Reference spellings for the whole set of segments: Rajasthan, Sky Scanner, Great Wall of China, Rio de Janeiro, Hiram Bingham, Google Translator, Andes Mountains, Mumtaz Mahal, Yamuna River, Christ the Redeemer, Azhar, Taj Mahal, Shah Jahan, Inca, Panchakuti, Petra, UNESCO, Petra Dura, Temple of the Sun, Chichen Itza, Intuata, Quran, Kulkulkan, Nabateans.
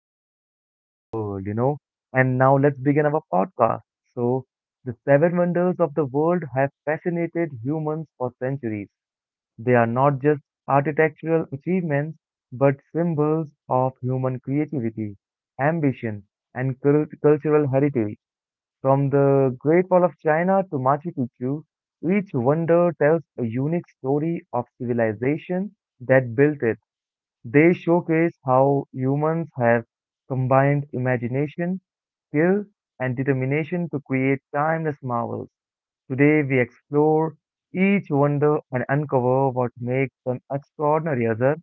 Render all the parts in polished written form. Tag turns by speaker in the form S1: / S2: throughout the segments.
S1: seven wonders of the world, And now let's begin our podcast. So, the seven wonders of the world have fascinated humans for centuries. They are not just architectural achievements, but symbols of human creativity, ambition, and cultural heritage. From the Great Wall of China to Machu Picchu, each wonder tells a unique story of civilization that built it. They showcase how humans have combined imagination, skill, and determination to create timeless marvels. Today we explore each wonder and uncover what makes them extraordinary, Azhar.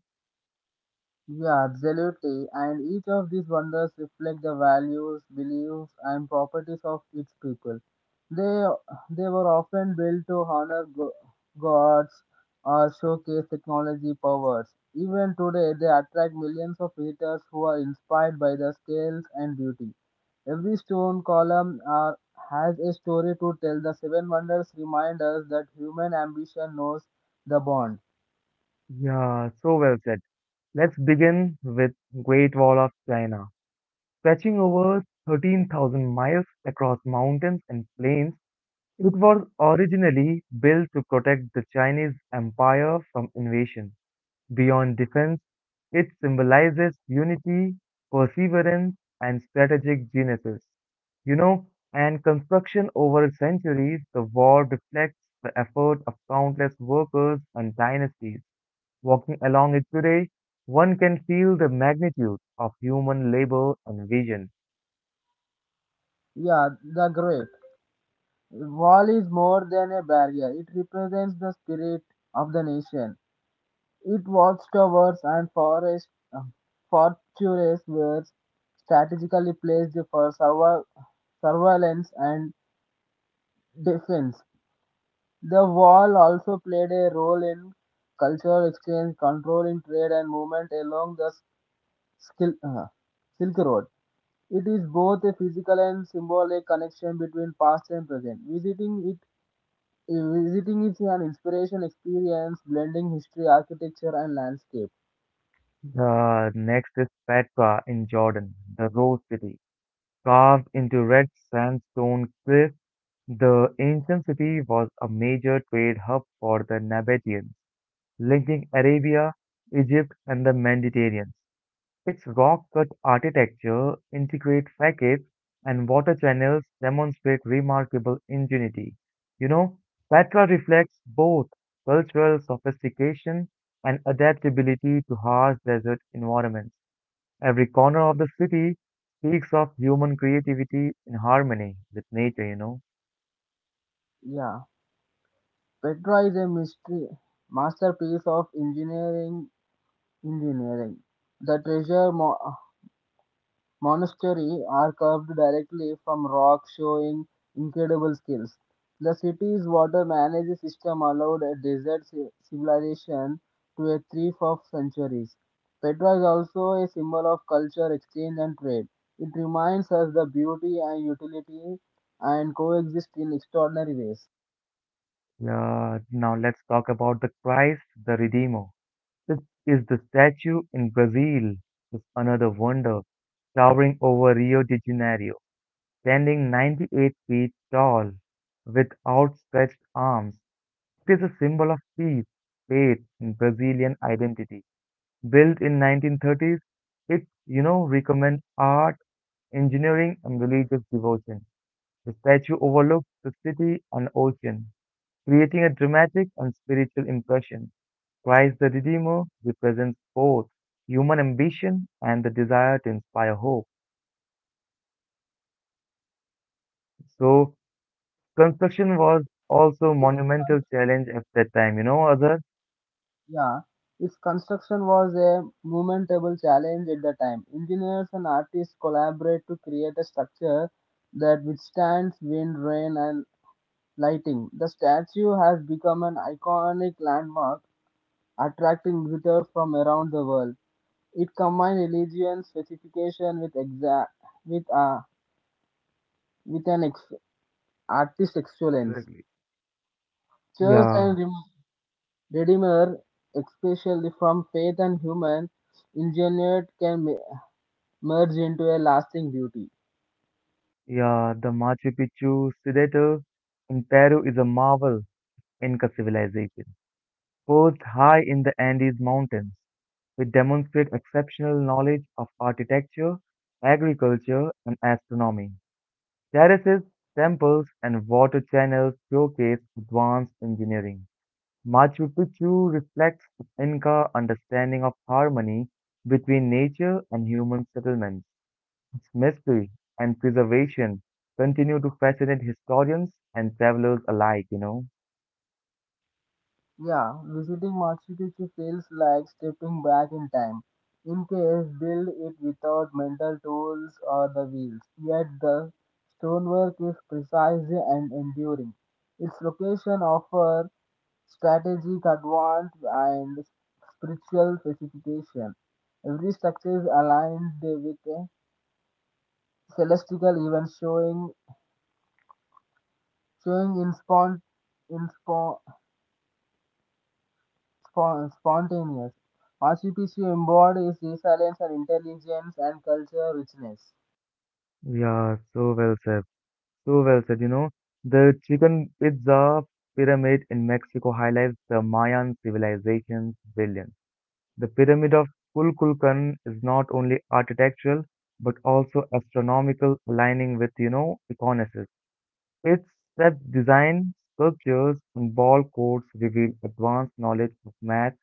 S2: Yeah, absolutely. And each of these wonders reflect the values, beliefs, and properties of its people. They they were often built to honor gods or showcase technology powers. Even today, they attract millions of visitors who are inspired by the scales and beauty. Every stone has a story to tell. The seven wonders remind us that human ambition knows the bond.
S1: Yeah, so well said. Let's begin with Great Wall of China. Stretching over 13,000 miles across mountains and plains, it was originally built to protect the Chinese Empire from invasion. Beyond defense, it symbolizes unity, perseverance, and strategic geniuses. You know, and construction over centuries, the wall reflects the effort of countless workers and dynasties. Walking along it today, one can feel the magnitude of human labor and vision.
S2: Yeah, the great. The wall is more than a barrier, it represents the spirit of the nation. It walks towers and forest, um, fortresses were strategically placed for survival, surveillance and defense. The wall also played a role in cultural exchange, controlling trade and movement along the Skil- uh, Silk Road. It is both a physical and symbolic connection between past and present. Visiting is an inspiration experience blending history, architecture, and landscape.
S1: The next is Petra in Jordan, the Rose City, carved into red sandstone cliffs. The ancient city was a major trade hub for the Nabateans, linking Arabia, Egypt, and the Mediterranean. Its rock-cut architecture, intricate facades, and water channels demonstrate remarkable ingenuity. You know, Petra reflects both cultural sophistication and adaptability to harsh desert environments. Every corner of the city speaks of human creativity in harmony with nature.
S2: Yeah, Petra is a mystery masterpiece of engineering. The Monastery are carved directly from rock, showing incredible skills. The city's water management system allowed a desert civilization to a thrive for centuries. Petra is also a symbol of culture, exchange, and trade. It reminds us the beauty and utility and coexist in extraordinary ways.
S1: Yeah, now let's talk about the Christ the Redeemer. This is the statue in Brazil. It's another wonder, towering over Rio de Janeiro, standing 98 feet tall with outstretched arms. It is a symbol of peace, faith, and Brazilian identity. Built in 1930s, it recommends art, engineering, and religious devotion. The statue overlooks the city and ocean, creating a dramatic and spiritual impression. Christ the Redeemer represents both human ambition and the desire to inspire hope. So, construction was also monumental challenge at that time, Azhar?
S2: Yeah, its construction was a momentable challenge at the time. Engineers and artists collaborate to create a structure that withstands wind, rain, and lighting. The statue has become an iconic landmark, attracting visitors from around the world. It combines religion specification with exact with uh, with an ex- artist excellence.
S1: Exactly.
S2: Church and
S1: Yeah,
S2: Rem- Redeemer, especially from faith and human, engineered can merge into a lasting beauty.
S1: yeah, the Machu Picchu citadel in Peru is a marvel in Inca civilization. Perched high in the Andes Mountains, which demonstrate exceptional knowledge of architecture, agriculture, and astronomy. Terraces, temples, and water channels showcase advanced engineering. Machu Picchu reflects Inca understanding of harmony between nature and human settlements. Its mystery and preservation continue to fascinate historians and travelers alike.
S2: Yeah, visiting Machu Picchu feels like stepping back in time. In case build it without mental tools or the wheels, yet the stonework is precise and enduring. Its location offers strategic advance and spiritual specification. Every structure is aligned with a celestial event showing showing in, spon- in, spo- Spon- spontaneous. RCTC embodies resilience and intelligence and cultural richness.
S1: Yeah, so well said. So well said. The chicken pizza pyramid in Mexico highlights the Mayan civilization's brilliance. The Pyramid of Kulkulkan is not only architectural but also astronomical, aligning with Iconosis. Its step design, sculptures, and ball courts reveal advanced knowledge of math,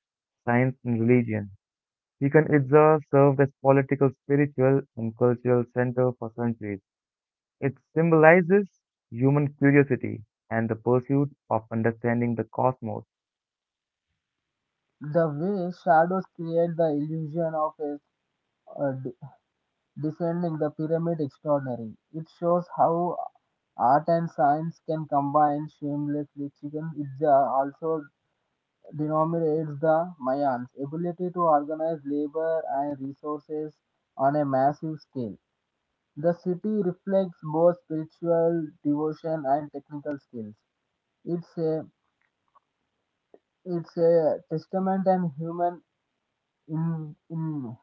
S1: science, and religion. Chichen Itza served as political, spiritual, and cultural center for centuries. It symbolizes human curiosity and the pursuit of understanding the cosmos.
S2: The way shadows create the illusion of a descending the pyramid extraordinary. It shows how art and science can combine shamelessly. Chicken Itza also denominates the Mayans' ability to organize labor and resources on a massive scale. The city reflects both spiritual devotion and technical skills. It's a it's a testament and human in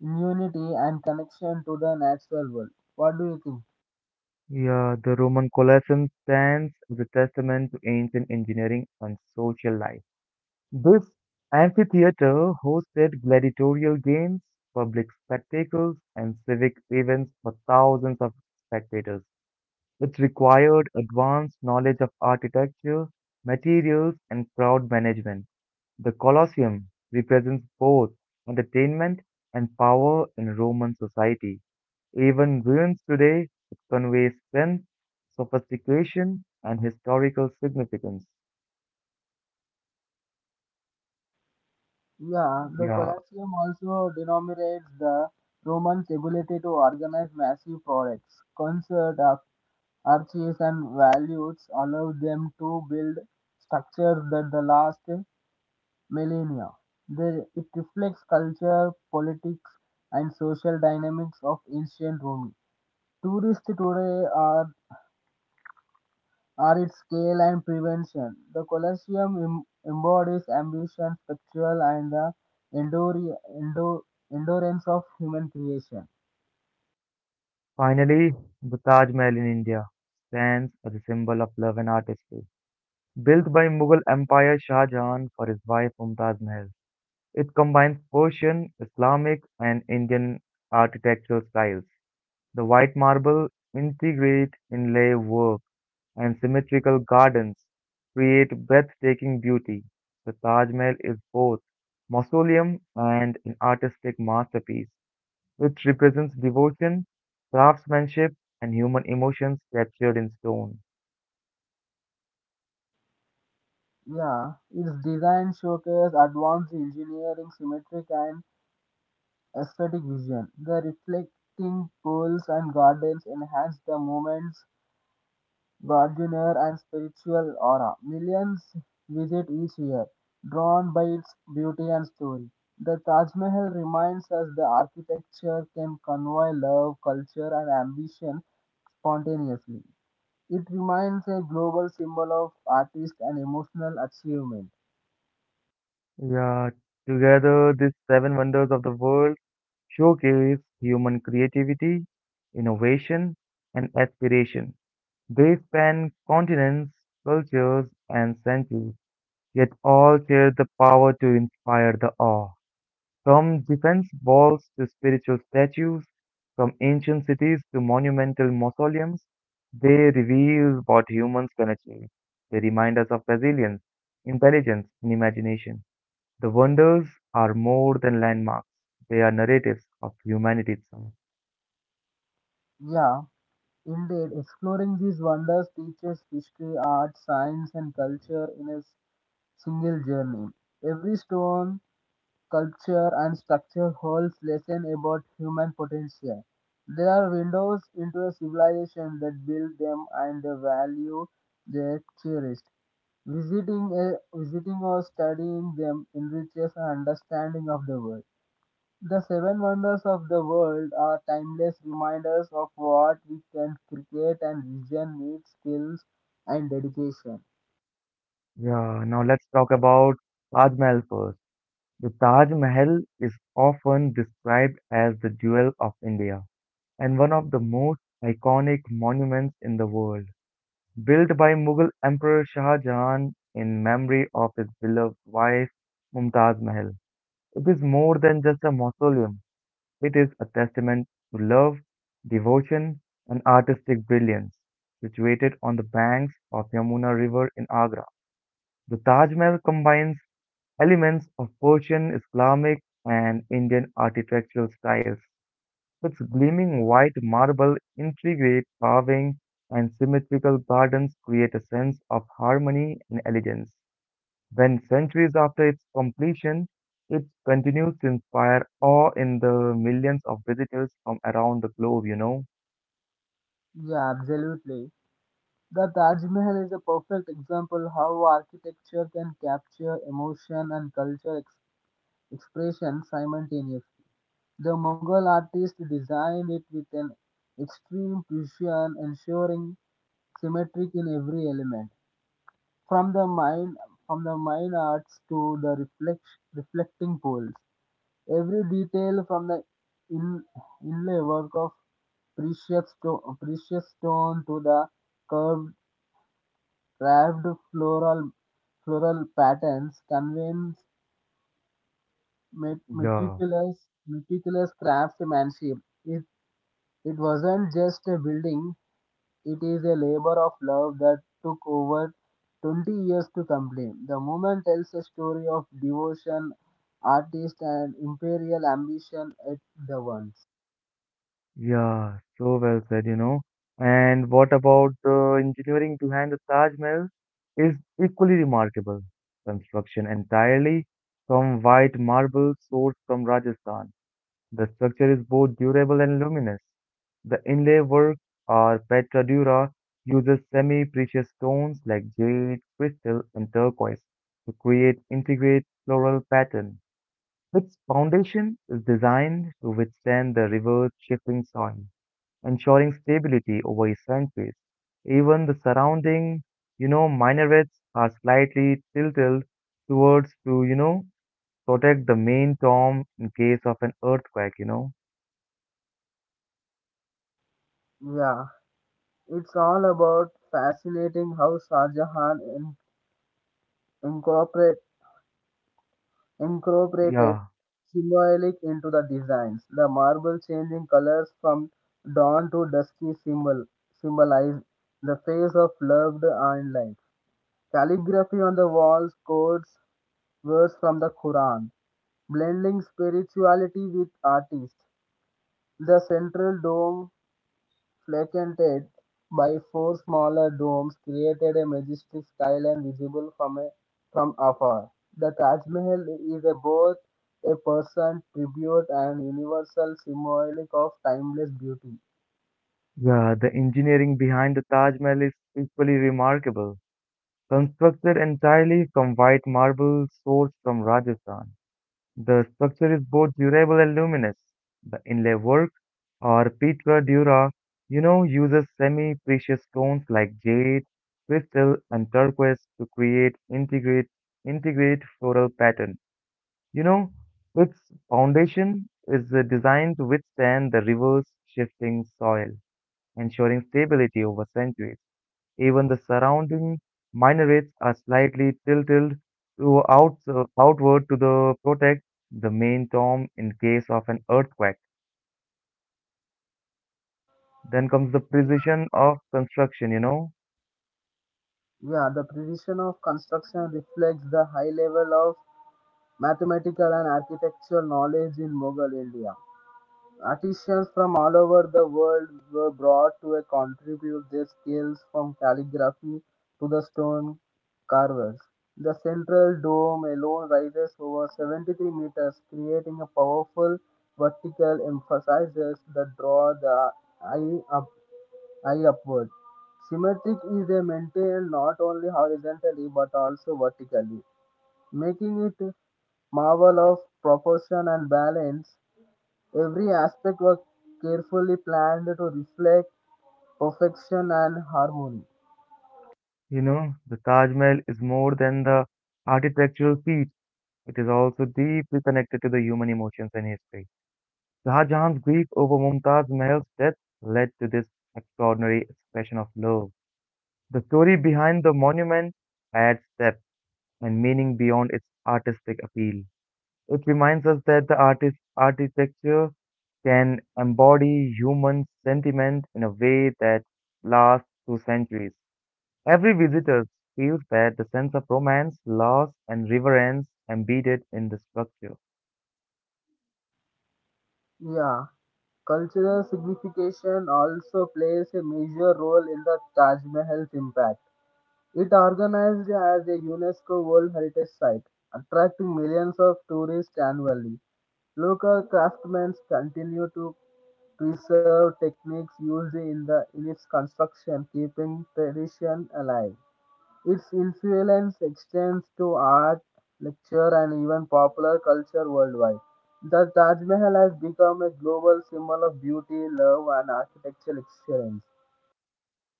S2: immunity and connection to the natural world. What do you think?
S1: Yeah, the Roman Colosseum stands as a testament to ancient engineering and social life. This amphitheater hosted gladiatorial games, public spectacles, and civic events for thousands of spectators. It required advanced knowledge of architecture, materials, and crowd management. The Colosseum represents both entertainment and power in Roman society. Even ruins today convey strength, sophistication, and historical significance.
S2: Yeah, the
S1: Yeah,
S2: Colosseum also denominates the Romans' ability to organize massive products, concert of arches and values allowed them to build structures that the last millennia. It reflects culture, politics, and social dynamics of ancient Rome. Tourists today are its scale and prevention. The Colosseum embodies ambition, spectral, and the endure- endo- endurance of human creation.
S1: finally, the Taj Mahal in India stands as a symbol of love and artistry. Built by Mughal Empire Shah Jahan for his wife Mumtaz Mahal, it combines Persian, Islamic, and Indian architectural styles. The white marble integrate inlay work and symmetrical gardens create breathtaking beauty. The Taj Mahal is both mausoleum and an artistic masterpiece, which represents devotion, craftsmanship, and human emotions captured in stone.
S2: Yeah, its design showcases advanced engineering, symmetric, and aesthetic vision. The reflecting pools and gardens enhance the moments. Gardener, and spiritual aura. Millions visit each year, drawn by its beauty and story. The Taj Mahal reminds us that architecture can convey love, culture, and ambition spontaneously. It remains a global symbol of artist and emotional achievement.
S1: Yeah, together these seven wonders of the world showcase human creativity, innovation, and aspiration. They span continents, cultures, and centuries yet all share the power to inspire the awe. From defense walls to spiritual statues, from ancient cities to monumental mausoleums, they reveal what humans can achieve. They remind us of resilience, intelligence, and imagination. The wonders are more than landmarks, they are narratives of humanity itself.
S2: Yeah, indeed, exploring these wonders teaches history, art, science, and culture in a single journey. Every stone, Culture and structure holds lessons about human potential. They are windows into a civilization that built them and the value they cherished. Visiting or studying them enriches our understanding of the world. The seven wonders of the world are timeless reminders of what we can create and vision with skills and dedication.
S1: Yeah, now let's talk about Taj Mahal first. The Taj Mahal is often described as the jewel of India and one of the most iconic monuments in the world. Built by Mughal Emperor Shah Jahan in memory of his beloved wife Mumtaz Mahal. It is more than just a mausoleum, it is a testament to love, devotion, and artistic brilliance. Situated on the banks of Yamuna River in Agra, the Taj Mahal combines elements of Persian, Islamic, and Indian architectural styles, its gleaming white marble, intricate carving, and symmetrical gardens create a sense of harmony and elegance. When centuries after its completion, it continues to inspire awe in the millions of visitors from around the globe.
S2: Yeah, absolutely. The Taj Mahal is a perfect example how architecture can capture emotion and culture expression simultaneously. The Mughal artist designed it with an extreme precision, ensuring symmetric in every element, from the mine from the mine arts to the reflecting poles. Every detail from the in, inlay work of precious stone to the curved Carved floral floral patterns conveys met-
S1: Yeah,
S2: meticulous meticulous craftsmanship. It it wasn't just a building; it is a labor of love that took over 20 years to complete. The movement tells a story of devotion, artist, and imperial ambition at the once.
S1: yeah, so well said. And what about the engineering behind the Taj Mahal is equally remarkable. Construction entirely from white marble sourced from Rajasthan. The structure is both durable and luminous. The inlay work or Petra Dura uses semi-precious stones like jade, crystal, and turquoise to create intricate floral pattern. Its foundation is designed to withstand the river's shifting soil, ensuring stability over centuries. Even the surrounding minarets are slightly tilted towards to protect the main tomb in case of an earthquake.
S2: Yeah, it's all about fascinating how Shah Jahan incorporate. incorporated
S1: Yeah,
S2: symbolic into the designs. The marble changing colors from dawn to dusky symbolize the phase of love and life. Calligraphy on the walls codes words from the Quran, blending spirituality with artists. The central dome Flanked by four smaller domes, created a majestic skyline visible from afar. The Taj Mahal is a both a personal tribute and universal symbolic of timeless beauty.
S1: yeah, the engineering behind the Taj Mahal is equally remarkable. Constructed entirely from white marble sourced from Rajasthan, the structure is both durable and luminous. The inlay work, or Pitra Dura, uses semi-precious stones like jade, crystal, and turquoise to create integrate floral pattern. You know, its foundation is designed to withstand the river's shifting soil, ensuring stability over centuries. Even the surrounding minarets are slightly tilted to out, outward to the protect the main tomb in case of an earthquake. Then comes the precision of construction.
S2: Yeah, the precision of construction reflects the high level of mathematical and architectural knowledge in Mughal India. Artisans from all over the world were brought to contribute their skills from calligraphy to the stone carvers. The central dome alone rises over 73 meters, creating a powerful vertical emphasis that draws the eye, up, eye upward. Symmetric is maintained not only horizontally but also vertically, making it marvel of proportion and balance. Every aspect was carefully planned to reflect perfection and harmony.
S1: The Taj Mahal is more than the architectural feat. It is also deeply connected to the human emotions and history. Shah Jahan's grief over Mumtaz Mahal's death led to this extraordinary expression of love. The story behind the monument adds depth and meaning beyond its artistic appeal. It reminds us that the artist architecture can embody human sentiment in a way that lasts through centuries. Every visitor feels that the sense of romance, loss, and reverence embedded in the structure.
S2: Yeah, cultural signification also plays a major role in the Taj Mahal's impact. It organized as a UNESCO World Heritage Site, attracting millions of tourists annually. Local craftsmen continue to preserve techniques used in its construction, keeping tradition alive. Its influence extends to art, literature, and even popular culture worldwide. The Taj Mahal has become a global symbol of beauty, love, and architectural excellence.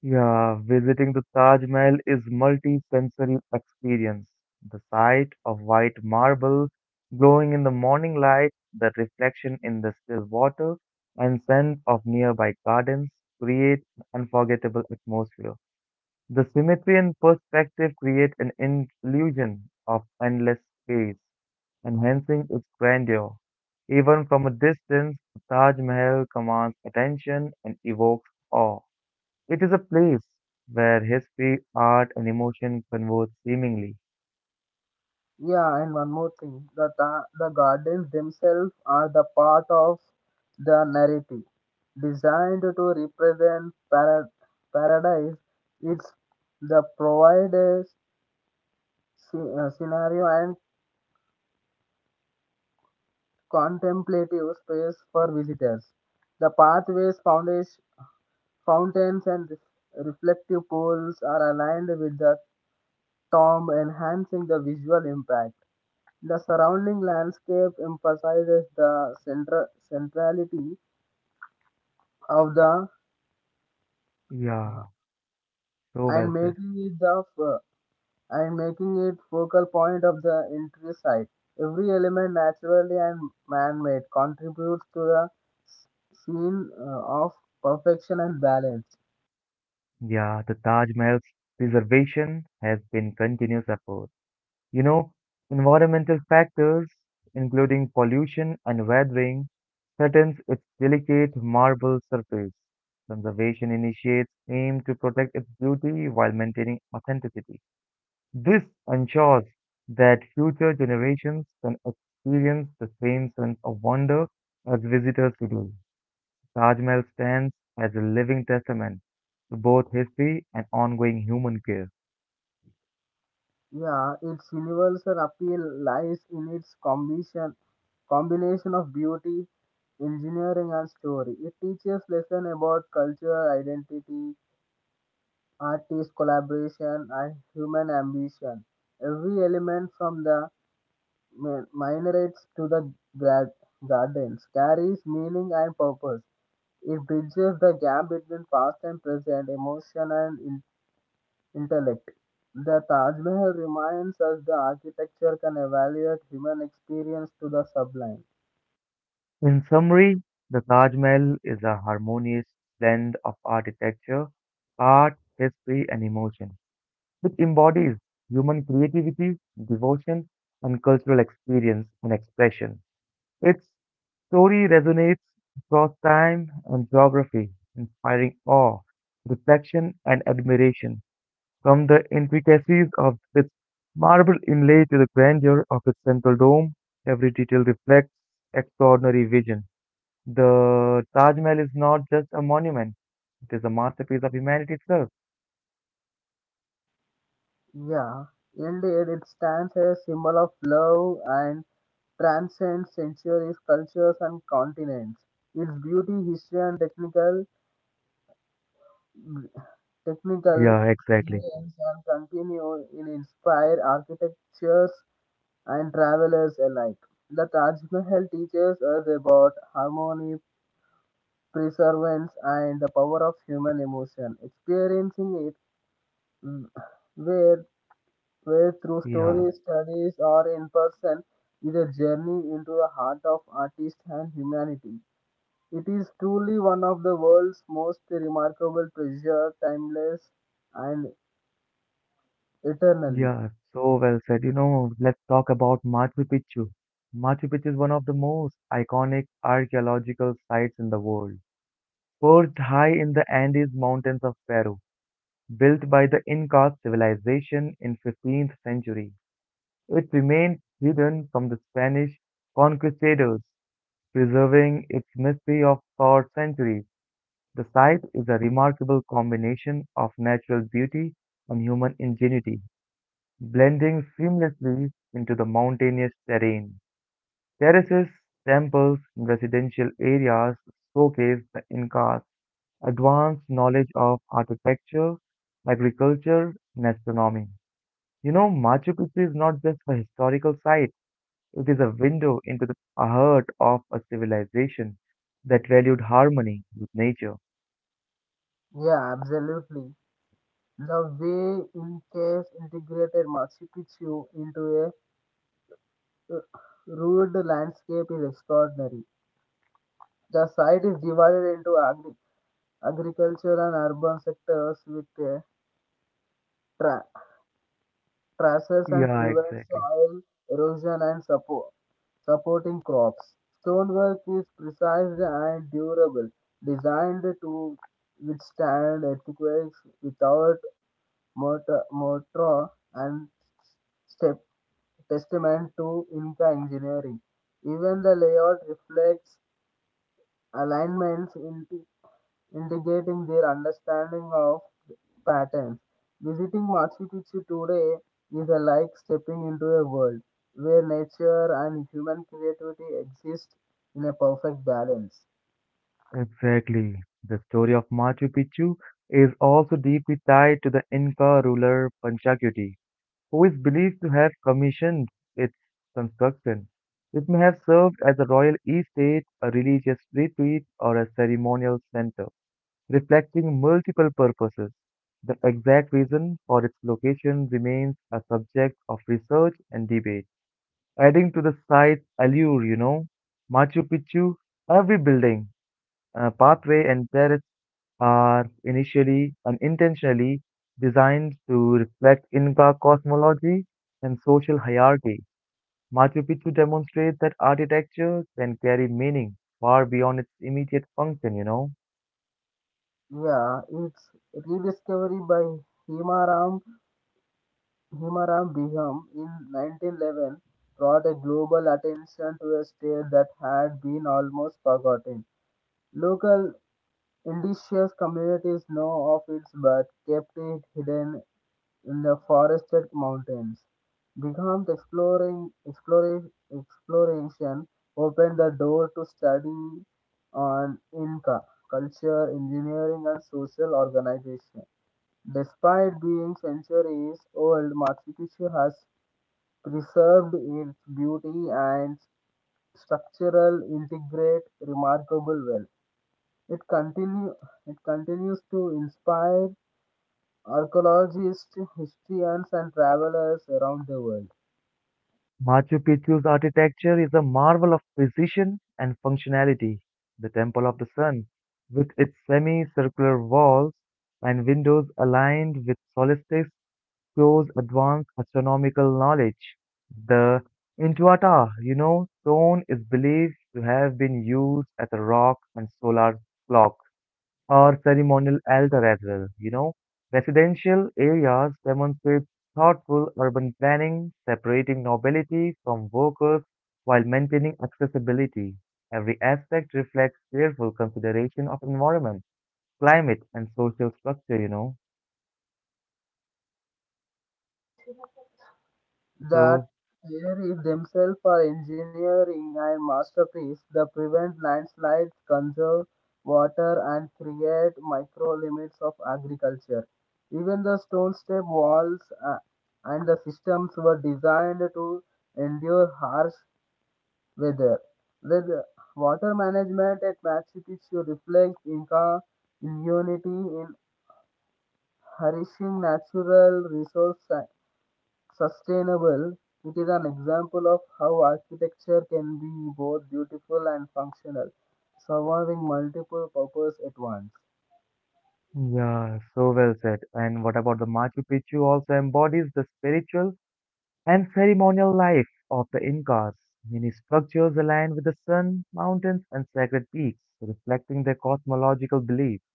S1: Yeah, visiting the Taj Mahal is multi-sensory experience. The sight of white marble glowing in the morning light, the reflection in the still water, and scent of nearby gardens create an unforgettable atmosphere. The symmetry and perspective create an illusion of endless space, enhancing its grandeur. Even from a distance, the Taj Mahal commands attention and evokes awe. It is a place where history, art, and emotion converge seemingly.
S2: Yeah, and one more thing the gardens themselves are the part of the narrative. Designed to represent paradise, it's the provide a scenario and contemplative space for visitors. The pathways, foundation, fountains, and reflective pools are aligned with the tomb, enhancing the visual impact. The surrounding landscape emphasizes the centrality of the
S1: Yeah, so well
S2: and
S1: said.
S2: making it the f- and making it focal point of the entire site. Every element, naturally and man-made, contributes to the s- scene of perfection and balance.
S1: Yeah, the Taj Mahal's preservation has been continuous effort. You know, environmental factors, including pollution and weathering, threatens its delicate marble surface. Conservation initiates aim to protect its beauty while maintaining authenticity. This ensures that future generations can experience the same sense of wonder as visitors today. Taj Mahal stands as a living testament to both history and ongoing human care.
S2: Yeah, its universal appeal lies in its combination of beauty, engineering, and story. It teaches lesson about cultural identity, artist collaboration, and human ambition. Every element from the minarets to the gra- gardens, carries meaning and purpose. It bridges the gap between past and present, emotion and intellect. The Taj Mahal reminds us that architecture can evaluate human experience to the sublime.
S1: In summary, the Taj Mahal is a harmonious blend of architecture, art, history, and emotion, which embodies human creativity, devotion, and cultural experience and expression. It's story resonates across time and geography, inspiring awe, reflection, and admiration. From the intricacies of its marble inlay to the grandeur of its central dome, every detail reflects extraordinary vision. The Taj Mahal is not just a monument, it is a masterpiece of humanity itself.
S2: Yeah, indeed, it stands as a symbol of love and transcends centuries, cultures, and continents. Its beauty, history, and technical
S1: Yeah, exactly.
S2: museums and continue in inspire architectures and travelers alike. The Taj Mahal teaches us about harmony, preservance, and the power of human emotion. Experiencing it, mm, where, where through
S1: Yeah.
S2: stories, studies, or in person, is a journey into the heart of artist and humanity. It is truly one of the world's most remarkable treasure, timeless and eternally.
S1: Yeah, so well said. Let's talk about Machu Picchu. Machu Picchu is one of the most iconic archaeological sites in the world. Perched high in the Andes Mountains of Peru, built by the Inca civilization in 15th century, it remained hidden from the Spanish conquistadors, preserving its mystery of for centuries. The site is a remarkable combination of natural beauty and human ingenuity blending seamlessly into the mountainous terrain. Terraces, temples, and residential areas showcase the Inca's advanced knowledge of architecture, agriculture, and astronomy. Machu Picchu is not just a historical site, it is a window into the heart of a civilization that valued harmony with nature.
S2: Yeah, absolutely. The way in-case integrated Machu Picchu into a uh, rude landscape is extraordinary. The site is divided into agriculture and urban sectors with tra- traces and
S1: Yeah,
S2: prevents
S1: exactly.
S2: soil erosion and supporting crops. Stonework is precise and durable, designed to withstand earthquakes without motor, and step testament to Inca engineering. Even the layout reflects alignments indicating their understanding of patterns. Visiting Machu Picchu today is a like stepping into a world where nature and human creativity exist in a perfect balance.
S1: Exactly. The story of Machu Picchu is also deeply tied to the Inca ruler Panchakuti, who is believed to have commissioned its construction. It may have served as a royal estate, a religious retreat, or a ceremonial center, reflecting multiple purposes. The exact reason for its location remains a subject of research and debate. Adding to the site's allure, Machu Picchu, every building, pathway and terrace are initially and intentionally designed to reflect Inca cosmology and social hierarchy. Machu Picchu demonstrates that architecture can carry meaning far beyond its immediate function.
S2: Yeah, it's rediscovery by Hima Ram. Himaram Biham in 1911 brought a global attention to a state that had been almost forgotten. Local indigenous communities know of it but kept it hidden in the forested mountains. Bingham's exploration opened the door to study on Inca culture, engineering, and social organization. Despite being centuries old, Machu Picchu has preserved its beauty and structural integrate remarkable well. It continue it continues to inspire archaeologists, historians, and travelers around the world.
S1: Machu Picchu's architecture is a marvel of precision and functionality. The Temple of the Sun, with its semicircular walls and windows aligned with solstice shows advanced astronomical knowledge. The Intuata stone is believed to have been used as a rock and solar clock or ceremonial altar as well. Residential areas demonstrate thoughtful urban planning, separating nobility from workers while maintaining accessibility. Every aspect reflects careful consideration of environment, climate, and social structure.
S2: That
S1: So,
S2: there is themselves are engineering and masterpiece that prevent landslides, conserve water, and create micro limits of agriculture. Even the stone step walls uh, and the systems were designed to endure harsh weather. With water management at Machu Picchu reflects Inca immunity in harnessing natural resources sustainable, it is an example of how architecture can be both beautiful and functional, serving multiple purposes at once.
S1: yeah, so well said. And what about the Machu Picchu also embodies the spiritual and ceremonial life of the Incas. Many structures aligned with the sun, mountains, and sacred peaks, reflecting their cosmological beliefs.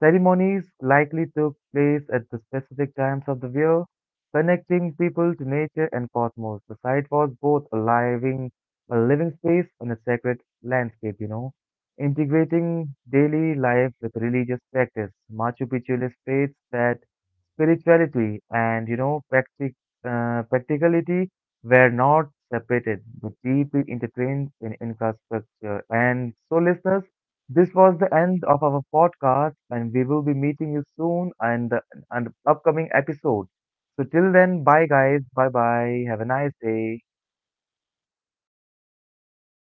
S1: Ceremonies likely took place at the specific times of the year, connecting people to nature and cosmos. The site was both a a living space and a sacred landscape, integrating daily life with religious practice. Machu Picchu illustrates that spirituality and practicality were not separated, but deeply intertwined in Inca. And so, listeners, this was the end of our podcast, and we will be meeting you soon and and the upcoming episode. So till then, bye guys, bye bye, have a nice day.